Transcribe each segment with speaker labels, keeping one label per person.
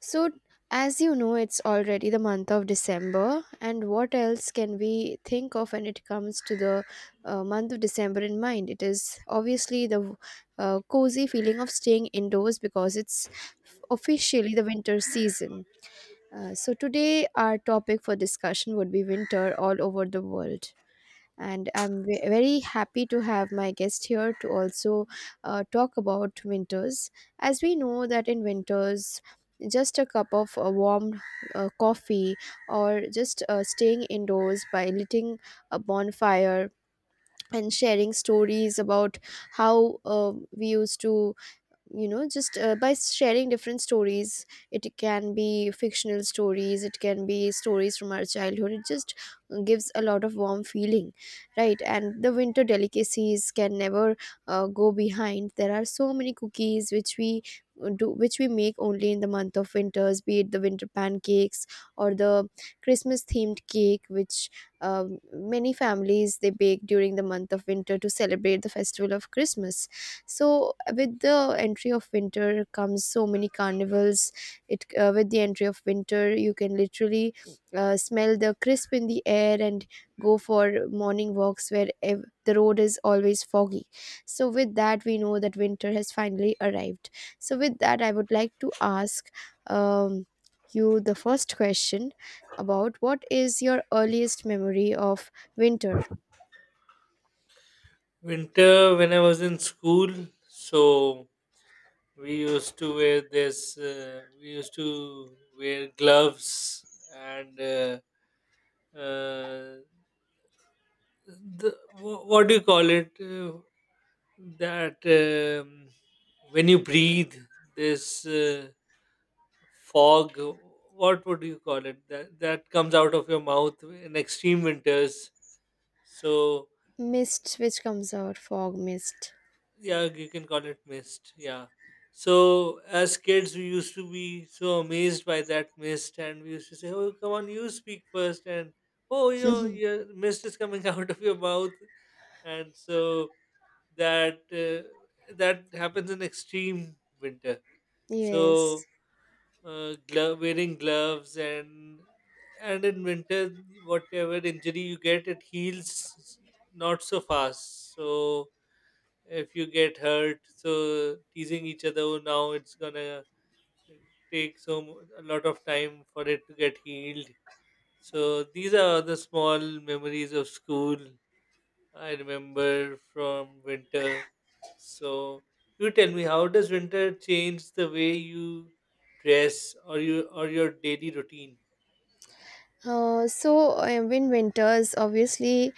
Speaker 1: So, as you know, it's already the month of December, and what else can we think of when it comes to the month of December in mind? It is obviously the cozy feeling of staying indoors because it's officially the winter season. So, today, our topic for discussion would be winter all over the world, and I'm very happy to have my guest here to also talk about winters. As we know that in winters, just a cup of warm coffee, or just staying indoors by lighting a bonfire and sharing stories about how we used to, you know just by sharing different stories. It can be fictional stories, it can be stories from our childhood. It just gives a lot of warm feeling, right? And the winter delicacies can never go behind. There are so many cookies which we do, which we make only in the month of winters, be it the winter pancakes or the Christmas themed cake which many families they bake during the month of winter to celebrate the festival of Christmas. So with the entry of winter comes so many carnivals. It With the entry of winter, you can literally smell the crisp in the air and go for morning walks where the road is always foggy. So with that we know that winter has finally arrived. So with that I would like to ask, um, you the first question about what is your earliest memory of winter.
Speaker 2: Winter, when I was in school, so we used to wear we used to wear gloves and uh, what do you call it? That um, when you breathe, this fog, what would you call it? That, that comes out of your mouth in extreme winters. So,
Speaker 1: Mist which comes out, fog, mist.
Speaker 2: yeah, you can call it mist, yeah. So as kids we used to be so amazed by that mist and we used to say, "Oh, come on, you speak first." And, oh, your mist is coming out of your mouth. And so that uh, that happens in extreme winter.
Speaker 1: Yes.
Speaker 2: So wearing gloves, and in winter whatever injury you get, it heals not so fast. So if you get hurt, so teasing each other, "Oh, now it's gonna take a lot of time for it to get healed." So these are the small memories of school I remember from winter. So you tell me, how does winter change the way you dress or you or your daily routine?
Speaker 1: So, when winters, obviously,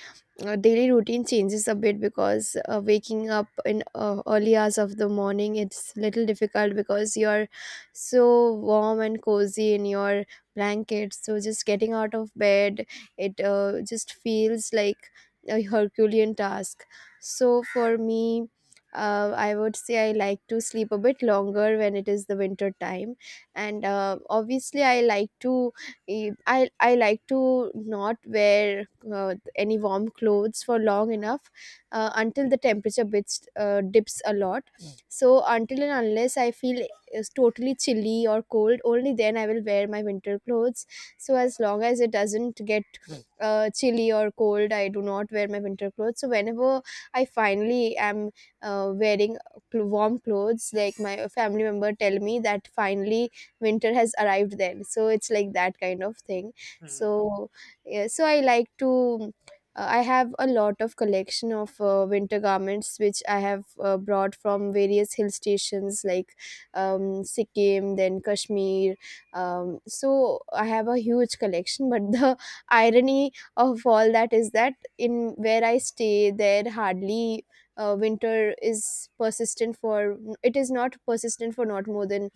Speaker 1: daily routine changes a bit because waking up in early hours of the morning, it's little difficult because you're so warm and cozy in your blanket. So just getting out of bed, it just feels like a herculean task. So for me, I would say I like to sleep a bit longer when it is the winter time, and obviously I like to, I like to not wear any warm clothes for long enough, until the temperature bits dips a lot. Mm. So until and unless I feel is totally chilly or cold, only then I will wear my winter clothes. So as long as it doesn't get chilly or cold, I do not wear my winter clothes. So whenever I finally am wearing warm clothes, like my family member tell me that finally winter has arrived, then so it's like that kind of thing.
Speaker 2: Hmm.
Speaker 1: So yeah, so I like to, I have a lot of collection of winter garments which I have brought from various hill stations like um, Sikkim, then Kashmir. So, I have a huge collection, but the irony of all that is that in where I stay, there hardly winter is persistent for, it is not persistent for not more than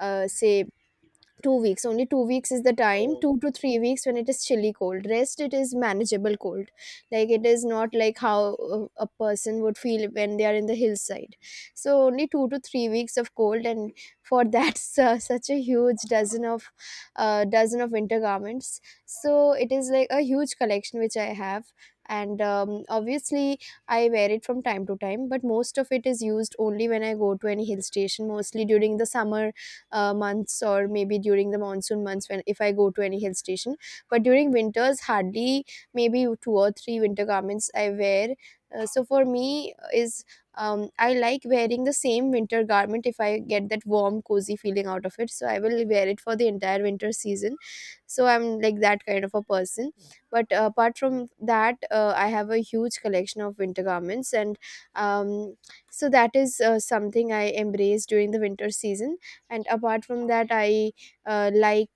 Speaker 1: say 2 weeks. Only 2 weeks is the time,
Speaker 2: Oh.
Speaker 1: 2 to 3 weeks, when it is chilly cold. Rest it is manageable cold, like it is not like how a person would feel when they are in the hillside. So only 2 to 3 weeks of cold, and for that such a huge dozen of winter garments. So it is like a huge collection which I have. And obviously I wear it from time to time, but most of it is used only when I go to any hill station, mostly during the summer months, or maybe during the monsoon months, when if I go to any hill station. But during winters, hardly maybe two or three winter garments I wear. So for me is, I like wearing the same winter garment if I get that warm cozy feeling out of it. So I will wear it for the entire winter season. So I'm like that kind of a person. But apart from that, I have a huge collection of winter garments. And um, so that is something I embrace during the winter season. And apart from that, I like,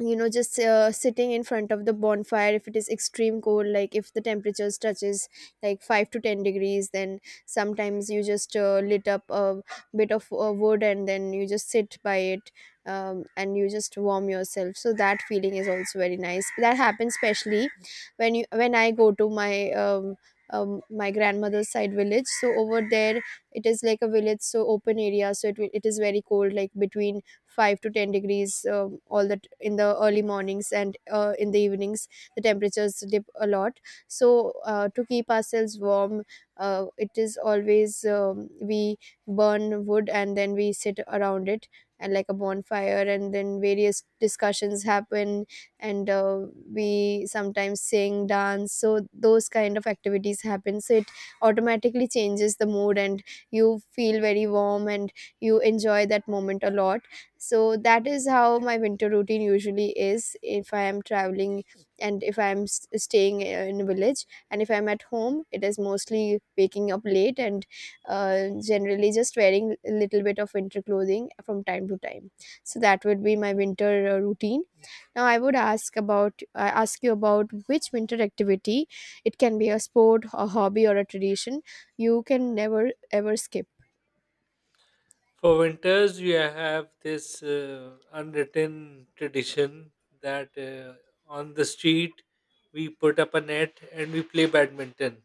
Speaker 1: you know just sitting in front of the bonfire if it is extreme cold, like if the temperatures touches like 5 to 10 degrees, then sometimes you just lit up a bit of wood and then you just sit by it. And you just warm yourself, so that feeling is also very nice. That happens especially when you, when I go to my my grandmother's side village. So over there, it is like a village, so open area, so it is very cold, like between 5 to 10 degrees all that in the early mornings, and in the evenings the temperatures dip a lot. So to keep ourselves warm, it is always, we burn wood and then we sit around it, and like a bonfire, and then various discussions happen. And we sometimes sing, dance, so those kind of activities happen. So it automatically changes the mood and you feel very warm and you enjoy that moment a lot. So that is how my winter routine usually is if I am traveling, and if I'm staying in a village. And if I'm at home, it is mostly waking up late and generally just wearing a little bit of winter clothing from time to time. So that would be my winter routine. Now I would ask about, I ask you about which winter activity, it can be a sport, a hobby, or a tradition, you can never ever skip.
Speaker 2: For winters, you have this unwritten tradition that on the street we put up a net and we play badminton.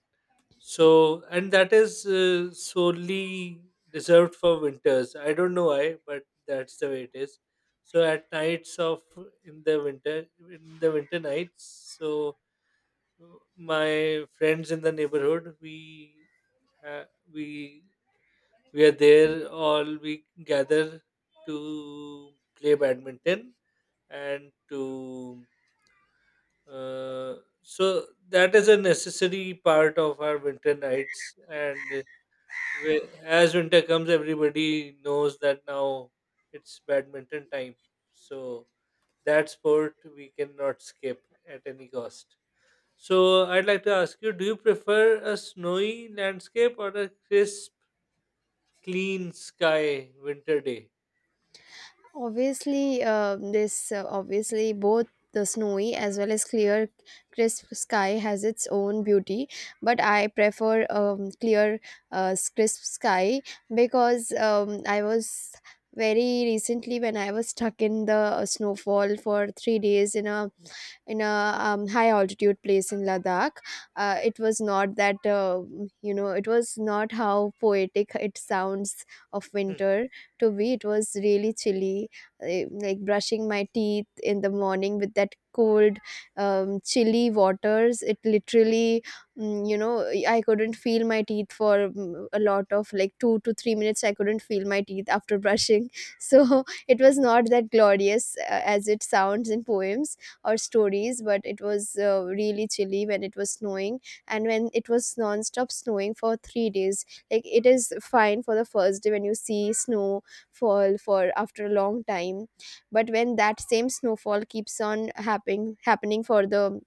Speaker 2: So, and that is solely reserved for winters. I don't know why, but that's the way it is. So, at nights of in the winter nights, so uh, my friends in the neighborhood, we ha- we we are there all we gather to play badminton and to uh, so that is a necessary part of our winter nights. And we, as winter comes, everybody knows that now it's badminton time. So that sport we cannot skip at any cost. So I'd like to ask you, do you prefer a snowy landscape or a crisp, clean sky winter day?
Speaker 1: Obviously, this obviously both the snowy as well as clear, crisp sky has its own beauty, but I prefer clear, crisp sky because I was very recently when I was stuck in the snowfall for 3 days in a, in a high altitude place in Ladakh. It was not that, it was not how poetic it sounds of
Speaker 2: Hmm.
Speaker 1: winter to be. It was really chilly, like brushing my teeth in the morning with that cold, chilly waters. It literally, mm, you know, I couldn't feel my teeth for a lot of like 2 to 3 minutes. I couldn't feel my teeth after brushing. So it was not that glorious as it sounds in poems or stories, but it was really chilly when it was snowing, and when it was non-stop snowing for 3 days. Like it is fine for the first day when you see snow fall for after a long time, but when that same snowfall keeps on happening for the,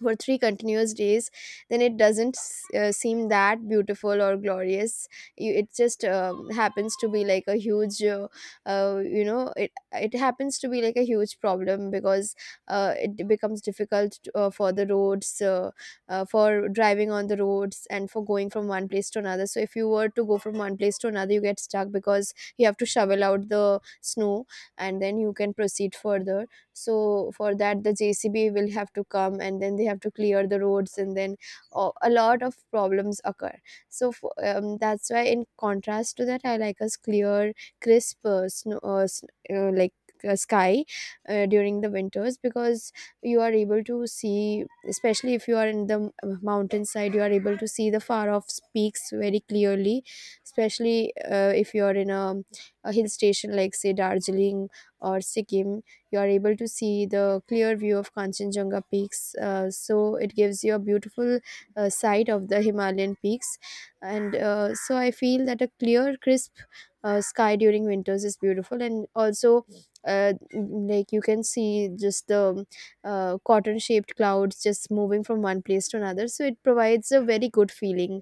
Speaker 1: for three continuous days, then it doesn't seem that beautiful or glorious. It just happens to be like a huge it, it happens to be like a huge problem because it becomes difficult to, for the roads, for driving on the roads and for going from one place to another. So if you were to go from one place to another, you get stuck because you have to shovel out the snow, and then you can proceed further. So for that the JCB will have to come, and then they have to clear the roads, and then a lot of problems occur. So that's why in contrast to that, I like a clear, crisp snow, s- like sky during the winters, because you are able to see, especially if you are in the mountainside, you are able to see the far off peaks very clearly, especially if you are in a hill station like say Darjeeling or Sikkim. You are able to see the clear view of Kanchenjunga peaks. So it gives you a beautiful sight of the Himalayan peaks. And so I feel that a clear, crisp sky during winters is beautiful. And also, like you can see just the cotton shaped clouds just moving from one place to another. So it provides a very good feeling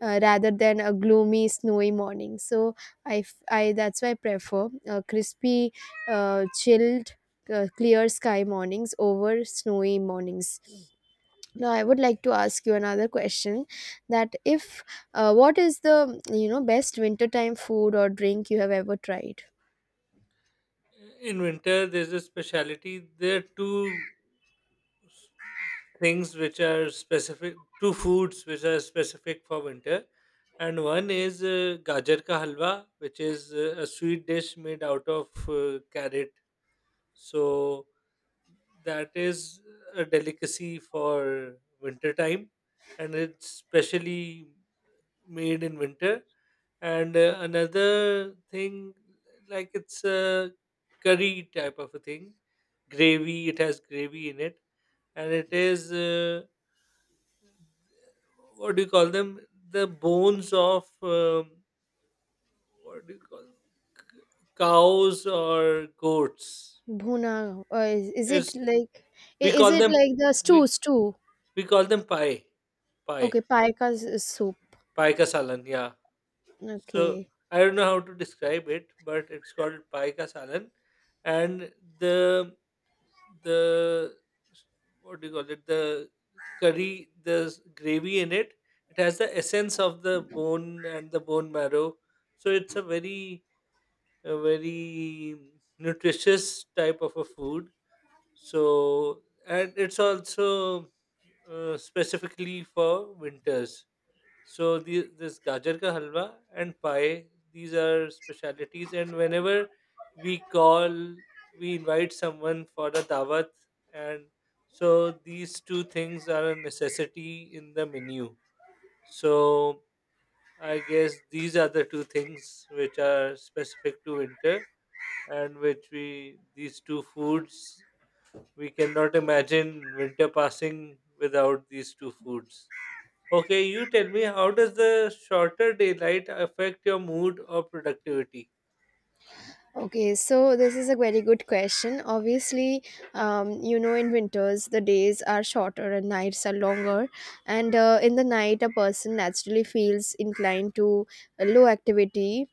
Speaker 1: rather than a gloomy snowy morning. So that's why I prefer crispy, chilled, clear sky mornings over snowy mornings. Now I would like to ask you another question, that if what is the, you know, best wintertime food or drink you have ever tried.
Speaker 2: In winter there's a speciality. There are s- things which are specific, two foods which are specific for winter. And one is gajar ka halwa, which is a sweet dish made out of carrot. So that is a delicacy for winter time, and it's specially made in winter. And another thing, like it's a curry type of a thing, gravy. It has gravy in it, and it is what do you call them? The bones of what do you call c- cows or goats?
Speaker 1: Bhuna, is
Speaker 2: Is
Speaker 1: it like,
Speaker 2: we
Speaker 1: is
Speaker 2: call
Speaker 1: it
Speaker 2: them,
Speaker 1: like the
Speaker 2: we
Speaker 1: stew.
Speaker 2: we call them pie, pie,
Speaker 1: Okay, paika, soup.
Speaker 2: pie ka salan. Yeah. So
Speaker 1: Okay.
Speaker 2: I don't know how to describe it, but it's called pie ka salan, and the the what do you call it, the curry, the gravy in it, it has the essence of the bone and the bone marrow. So it's a very, a very nutritious type of a food. So and it's also specifically for winters. So the, this gajar ka halwa and pie, these are specialities. And whenever we call, we invite someone for a dawat, and so these two things are a necessity in the menu. So I guess these are the two things which are specific to winter, and which we, these two foods we cannot imagine winter passing without these two foods. Okay, you tell me, how does the shorter daylight affect your mood or productivity?
Speaker 1: Okay, so this is a very good question. Obviously, in winters, the days are shorter and nights are longer. And in the night, a person naturally feels inclined to low activity,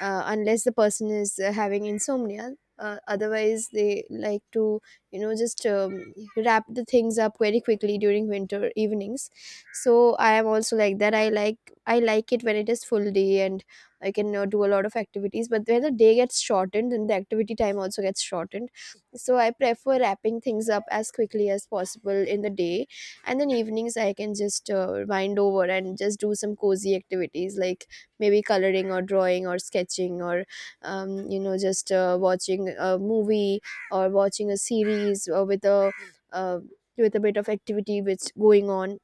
Speaker 1: unless the person is having insomnia. Otherwise, they like to just wrap the things up very quickly during winter evenings. So I am also like that. I like it when it is full day and I can do a lot of activities. But where the day gets shortened and the activity time also gets shortened, so I prefer wrapping things up as quickly as possible in the day, and then evenings I can just wind over and just do some cozy activities like maybe coloring or drawing or sketching, or you know just watching a movie or watching a series, or with a uh, with a bit of activity which going on,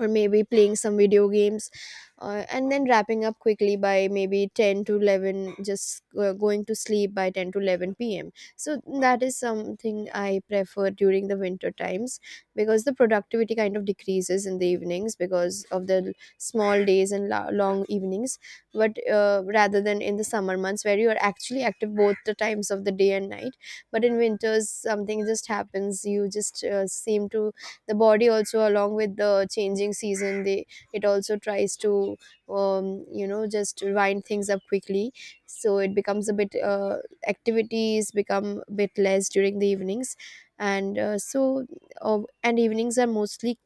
Speaker 1: or maybe playing some video games, and then wrapping up quickly by maybe 10 to 11, just going to sleep by 10 to 11 p.m. So that is something I prefer during the winter times, because the productivity kind of decreases in the evenings because of the small days and long evenings. But rather than in the summer months where you are actually active both the times of the day and night, but in winters something just happens, you just seem to. The body also, along with the changing season, they, it also tries to just wind things up quickly. So it becomes a bit, activities become a bit less during the evenings. And uh, so uh, and evenings are mostly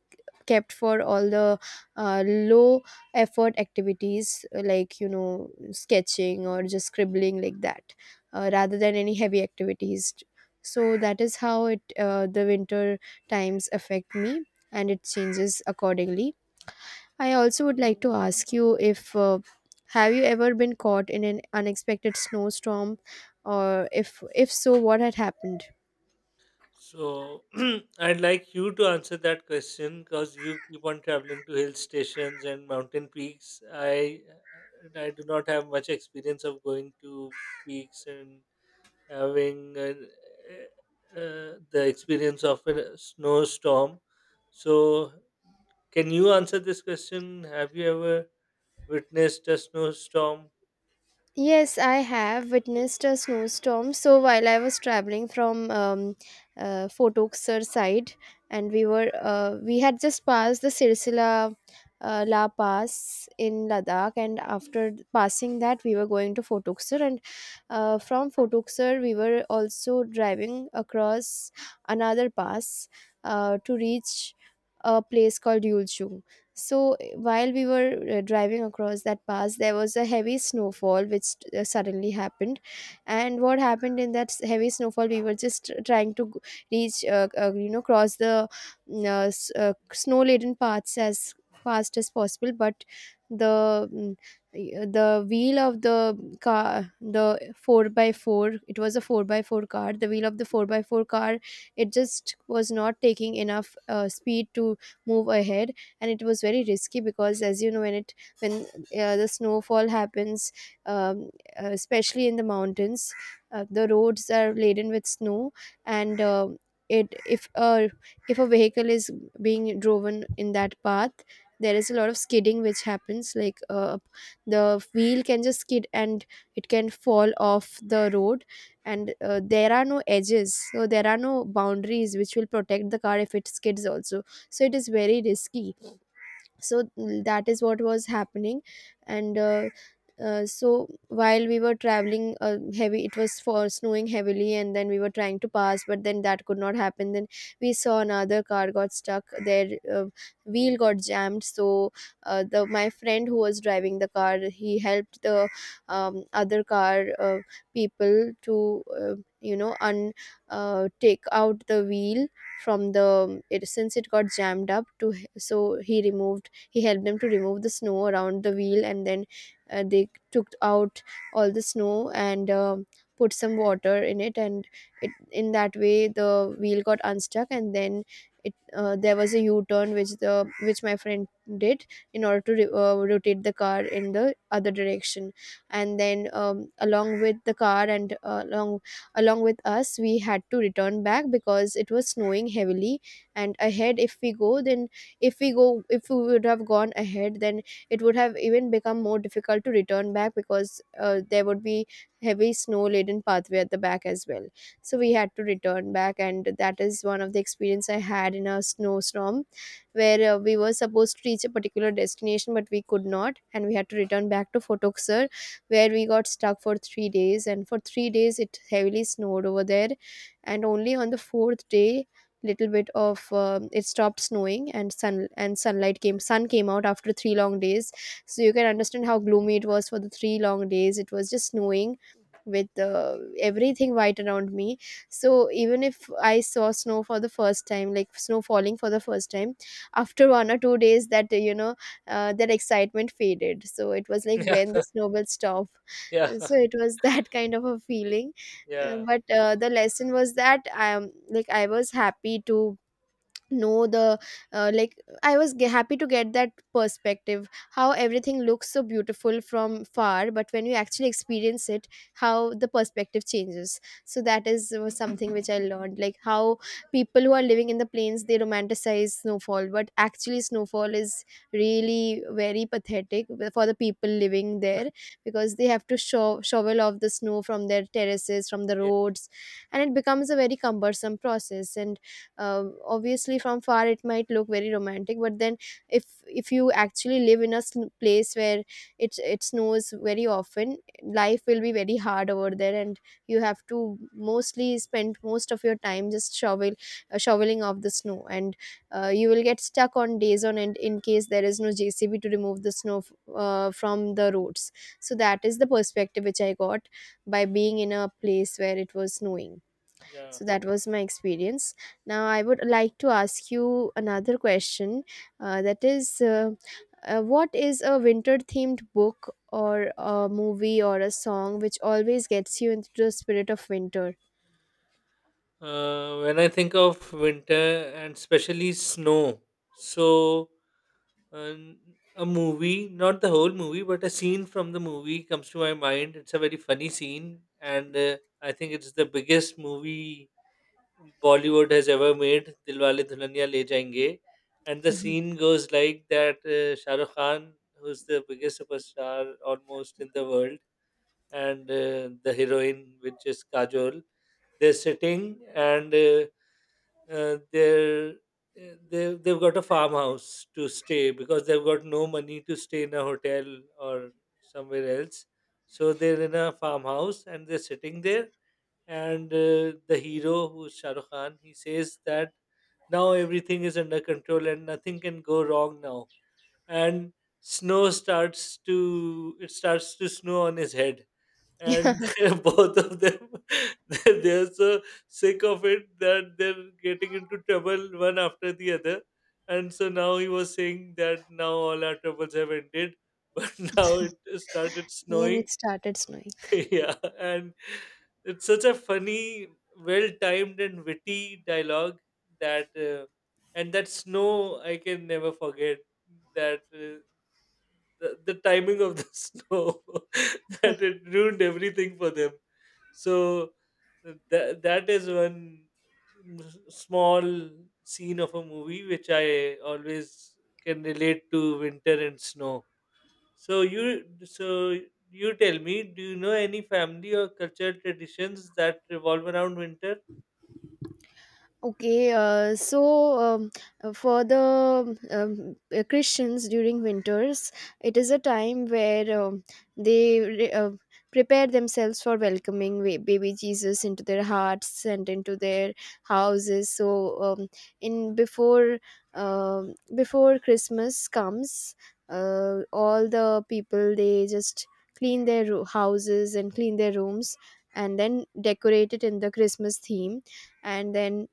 Speaker 1: kept for all the low effort activities, like sketching or just scribbling like that, rather than any heavy activities. So that is how it, the winter times affect me, and it changes accordingly. I also would like to ask you, if have you ever been caught in an unexpected snowstorm? Or if so, what had happened?
Speaker 2: So I'd like you to answer that question because you keep on traveling to hill stations and mountain peaks. I do not have much experience of going to peaks and having an, the experience of a snowstorm. So can you answer this question? Have you ever witnessed a snowstorm?
Speaker 1: Yes, I have witnessed a snowstorm. So while I was traveling from Fort Oxer side, and we had just passed the Sirsila La Pass in Ladakh, and after passing that, we were going to Fort Oxer, and from Fort Oxer, we were also driving across another pass to reach a place called Yulchu. So while we were driving across that pass, there was a heavy snowfall which suddenly happened. And what happened in that heavy snowfall, we were just trying to reach, cross the snow-laden paths as fast as possible. But the mm, the wheel of the car, the four by four, it was a four by four car. The wheel of the four by four car, it just was not taking enough speed to move ahead, and it was very risky, because as you know, when the snowfall happens, um, especially in the mountains, the roads are laden with snow. And it if a vehicle is being driven in that path, there is a lot of skidding which happens, like the wheel can just skid and it can fall off the road. And there are no edges, so there are no boundaries which will protect the car if it skids also, so it is very risky. So that is what was happening. And so while we were traveling, heavy, it was for snowing heavily and then we were trying to pass, but then that could not happen. Then we saw another car got stuck, their wheel got jammed. So the my friend who was driving the car, he helped the other car people to, you know un take out the wheel from the, since it got jammed up to, so he removed he helped them to remove the snow around the wheel, and then they took out all the snow and put some water in it, and it, in that way the wheel got unstuck. And then it there was a u-turn which the which my friend did, in order to rotate the car in the other direction. And then, along with the car and along with us, we had to return back because it was snowing heavily. And ahead, if we go then if we go if we would have gone ahead, then it would have even become more difficult to return back, because there would be heavy snow laden pathway at the back as well. So we had to return back, and that is one of the experience I had in a snowstorm, where we were supposed to reach a particular destination but we could not, and we had to return back to Fotoksar, where we got stuck for 3 days, and for 3 days it heavily snowed over there. And only on the fourth day, little bit of, it stopped snowing, and sunlight came, sun came out after three long days. So you can understand how gloomy it was. For the three long days it was just snowing, with everything white around me. So even if I saw snow for the first time, like snow falling for the first time, after 1 or 2 days, that you know that excitement faded. So it was like, when
Speaker 2: Yeah,
Speaker 1: the snow will stop?
Speaker 2: yeah,
Speaker 1: So it was that kind of a feeling. Uh,
Speaker 2: yeah.
Speaker 1: but uh, the lesson was that, like I was happy to know the, like I was happy to get that perspective, how everything looks so beautiful from far, but when you actually experience it, how the perspective changes. So that is was something which I learned, like how people who are living in the plains, they romanticize snowfall, but actually snowfall is really very pathetic for the people living there, because they have to shovel off the snow from their terraces, from the
Speaker 2: Yeah.
Speaker 1: roads. And it becomes a very cumbersome process. And obviously from far it might look very romantic, but then if you actually live in a place where it snows very often, life will be very hard over there. And you have to mostly spend most of your time just shoveling off the snow. And you will get stuck on days on end, in case there is no JCB to remove the snow from the roads. So that is the perspective which I got, by being in a place where it was snowing.
Speaker 2: Yeah.
Speaker 1: So that was my experience. Now I would like to ask you another question. That is, what is a winter-themed book or a movie or a song which always gets you into the spirit of winter?
Speaker 2: When I think of winter and especially snow, so an- a movie, not the whole movie, but a scene from the movie comes to my mind. It's a very funny scene, and I think it's the biggest movie Bollywood has ever made, Dilwale Dulhania Le Jayenge. And the scene goes like that: Shah Rukh Khan, who's the biggest superstar almost in the world, and the heroine, which is Kajol, they're sitting and uh, they're they've got a farmhouse to stay because they've got no money to stay in a hotel or somewhere else. So they're in a farmhouse and they're sitting there. And the hero, who's Shah Rukh Khan, he says that now everything is under control and nothing can go wrong now. And snow starts to it starts to snow on his head, and both of them they're so sick of it that they're getting into trouble one after the other. And so now he was saying that now all our troubles have ended, but now it started
Speaker 1: And
Speaker 2: snowing.
Speaker 1: it started snowing.
Speaker 2: Yeah, and it's such a funny, well timed and witty dialogue that and that snow I can never forget that the timing of the snow. That it ruined everything for them. So that, that is one small scene of a movie which I always can relate to winter and snow. So you, so you tell me, do you know any family or cultural traditions that revolve around winter?
Speaker 1: Okay, um, for the Christians during winters, it is a time where, they prepare themselves for welcoming baby Jesus into their hearts and into their houses. So, in before before Christmas comes, all the people, they just clean their houses and clean their rooms, and then decorate it in the Christmas theme. And then,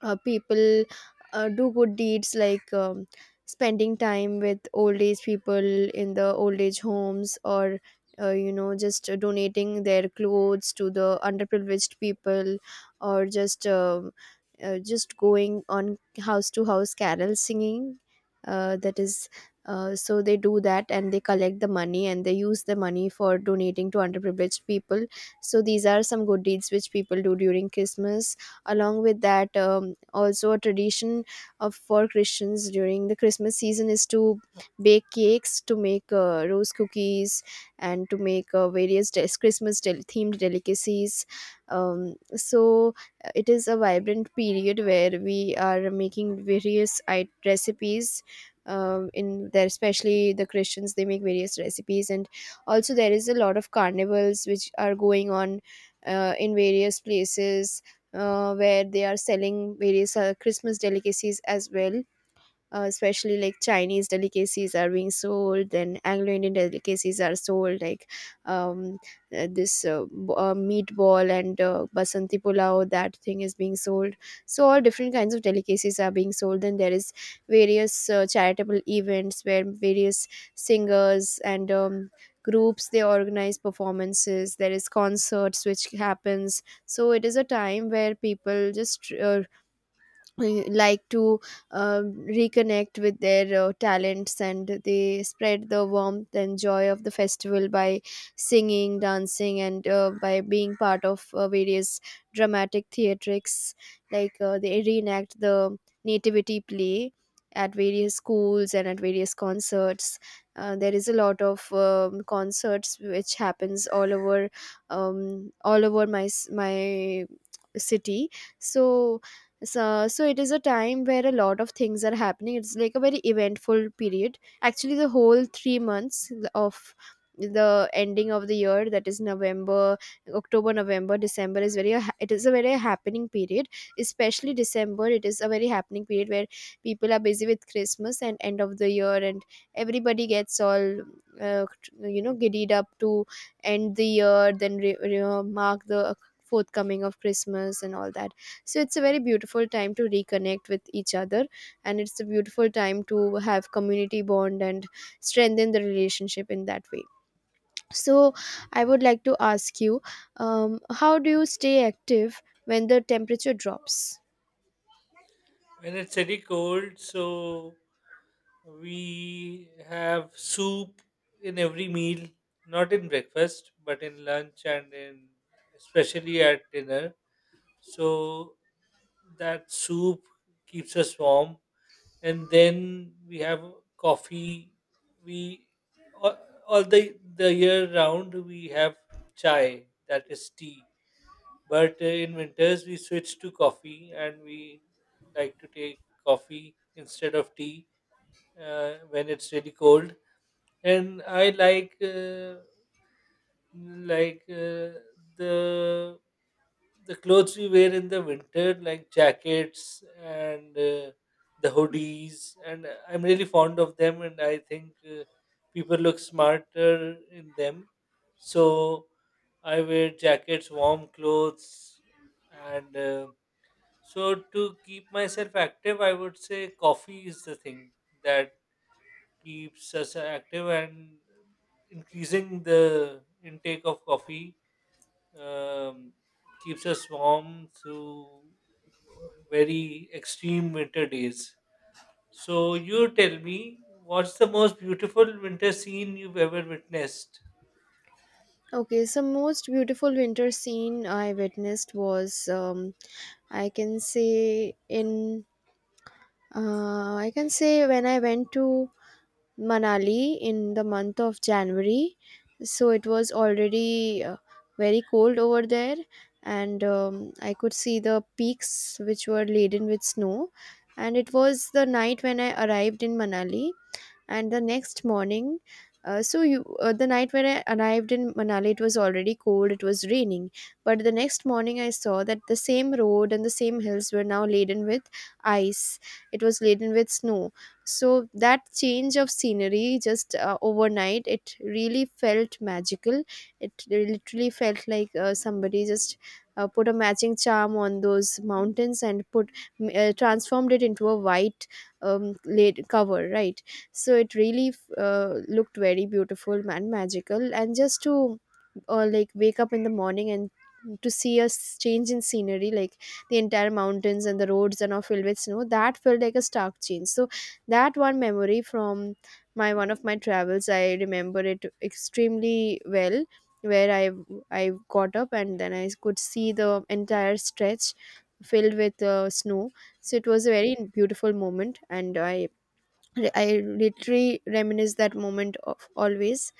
Speaker 1: people do good deeds, like spending time with old age people in the old age homes, or you know just donating their clothes to the underprivileged people, or just going on house to house carol singing. That is so they do that, and they collect the money, and they use the money for donating to underprivileged people. So these are some good deeds which people do during Christmas. Along with that, also a tradition of for Christians during the Christmas season is to bake cakes, to make rose cookies, and to make various themed delicacies. um, so it is a vibrant period where we are making various recipes, in there. Especially the Christians, they make various recipes, and also there is a lot of carnivals which are going on in various places, where they are selling various Christmas delicacies as well. Especially like Chinese delicacies are being sold, and Anglo Indian delicacies are sold, like, um, this, meatball and basanti pulao, that thing is being sold. So, all different kinds of delicacies are being sold. Then there is various charitable events where various singers and groups they organize performances, there is concerts which happens. So it is a time where people just like to uh, reconnect with their talents and they spread the warmth and joy of the festival by singing, dancing, and by being part of various dramatic theatrics, like they reenact the nativity play at various schools and at various concerts. There is a lot of concerts which happens all over, all over my city. So so, so it is a time where a lot of things are happening, it's like a very eventful period actually, the whole 3 months of the ending of the year, that is november, october, november, december is very it is a very happening period, especially december it is a very happening period where people are busy with christmas and end of the year, and everybody gets all uh, you know giddied up to end the year, then mark the forthcoming of Christmas and all that. So it's a very beautiful time to reconnect with each other, and it's a beautiful time to have community bond and strengthen the relationship in that way. So I would like to ask you, how do you stay active when the temperature drops?
Speaker 2: When it's very cold, so we have soup in every meal, not in breakfast, but in lunch and in especially at dinner. So that soup keeps us warm, and then we have coffee. We all, all the year round we have chai, that is tea, but in winters, we switch to coffee and we like to take coffee instead of tea when it's really cold. And I like like uh, the the clothes we wear in the winter, like jackets and the hoodies, and I'm really fond of them, and I think people look smarter in them. So I wear jackets, warm clothes, and so to keep myself active, I would say coffee is the thing that keeps us active, and increasing the intake of coffee um, keeps us warm through very extreme winter days. So you tell me, what's the most beautiful winter scene you've ever witnessed?
Speaker 1: Okay, so most beautiful winter scene I witnessed was I can say in I can say when I went to Manali in the month of January. So it was already very cold over there, and I could see the peaks which were laden with snow. And it was the night when I arrived in Manali and the next morning. So you The night when I arrived in manali it was already cold, it was raining, but the next morning I saw that the same road and the same hills were now laden with ice, it was laden with snow. So that change of scenery just overnight, it really felt magical, it literally felt like somebody just put a matching charm on those mountains and put transformed it into a white laid cover, right. So it really looked very beautiful and magical, and just to like wake up in the morning and to see a change in scenery, like the entire mountains and the roads are now filled with snow, that felt like a stark change. So that one memory from my one of my travels, I remember it extremely well, where i got up and then I could see the entire stretch filled with snow. So it was a very beautiful moment, and I literally reminisce that moment of always.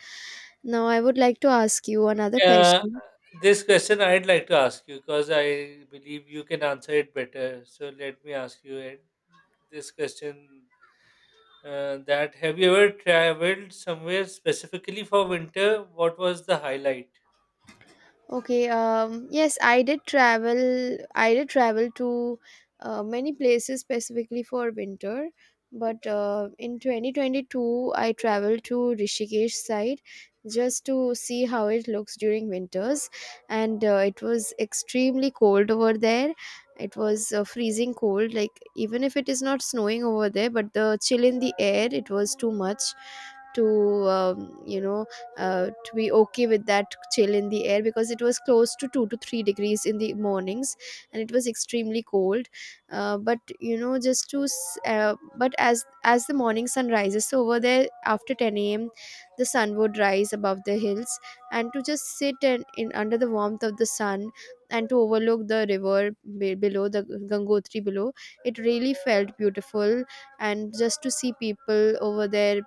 Speaker 1: Now, I would like to ask you another
Speaker 2: Uh,
Speaker 1: question.
Speaker 2: this question I'd like to ask you because I believe you can answer it better. So let me ask you it. This question That have you ever traveled somewhere specifically for winter? What was the highlight?
Speaker 1: Okay, yes, I did travel. I did travel to many places specifically for winter. But in 2022, I traveled to Rishikesh side just to see how it looks during winters. And it was extremely cold over there. It was freezing cold. Like, even if it is not snowing over there, but the chill in the air, it was too much to you know to be okay with that chill in the air, because it was close to 2 to 3 degrees in the mornings, and it was extremely cold. But you know, just to but as the morning sun rises, so over there, after 10 a.m. the sun would rise above the hills, and to just sit and in under the warmth of the sun and to overlook the river below the gangotri below, it really felt beautiful. And just to see people over there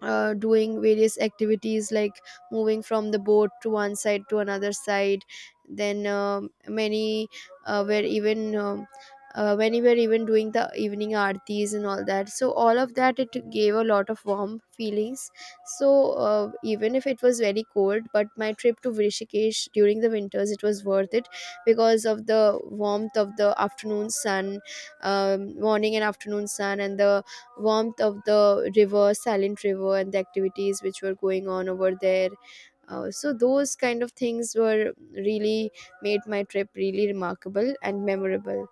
Speaker 1: doing various activities like moving from the boat to one side to another side, then many were even many were even doing the evening aartis and all that, so all of that, it gave a lot of warm feelings. So even if it was very cold, but my trip to rishikesh during the winters, it was worth it because of the warmth of the afternoon sun, morning and afternoon sun, and the warmth of the river, silent river, and the activities which were going on over there. So those kind of things were really made my trip really remarkable and memorable.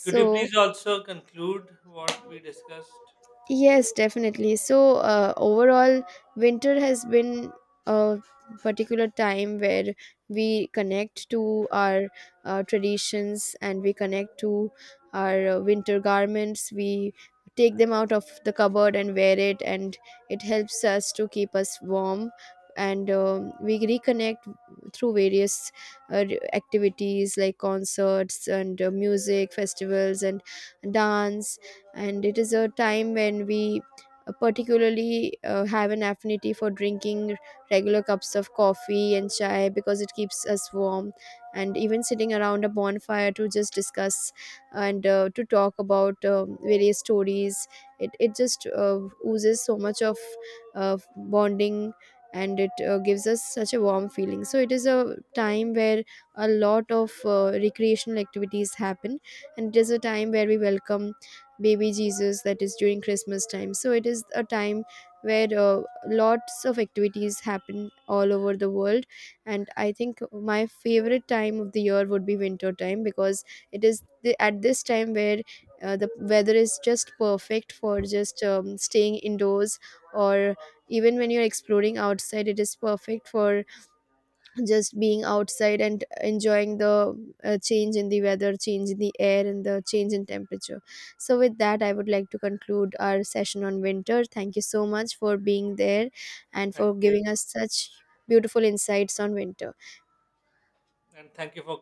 Speaker 2: Could you please also conclude what we discussed?
Speaker 1: yes, definitely. So, overall, winter has been a particular time where we connect to our traditions, and we connect to our winter garments. We take them out of the cupboard and wear it, and it helps us to keep us warm. And we reconnect through various uh, activities like concerts and music festivals and dance. And it is a time when we particularly have an affinity for drinking regular cups of coffee and chai because it keeps us warm, and even sitting around a bonfire to just discuss and to talk about various stories. It just oozes so much of uh, bonding, and it gives us such a warm feeling. So it is a time where a lot of recreational activities happen, and it is a time where we welcome baby jesus, that is during christmas time. So it is a time where lots of activities happen all over the world, and I think my favorite time of the year would be winter time, because it is the, at this time where the weather is just perfect for just staying indoors, or even when you're exploring outside, it is perfect for just being outside and enjoying the change in the weather, change in the air, and the change in temperature. So with that, I would like to conclude our session on winter. Thank you so much for being there and for
Speaker 2: Thank you,
Speaker 1: giving us such beautiful insights on winter.
Speaker 2: and thank you for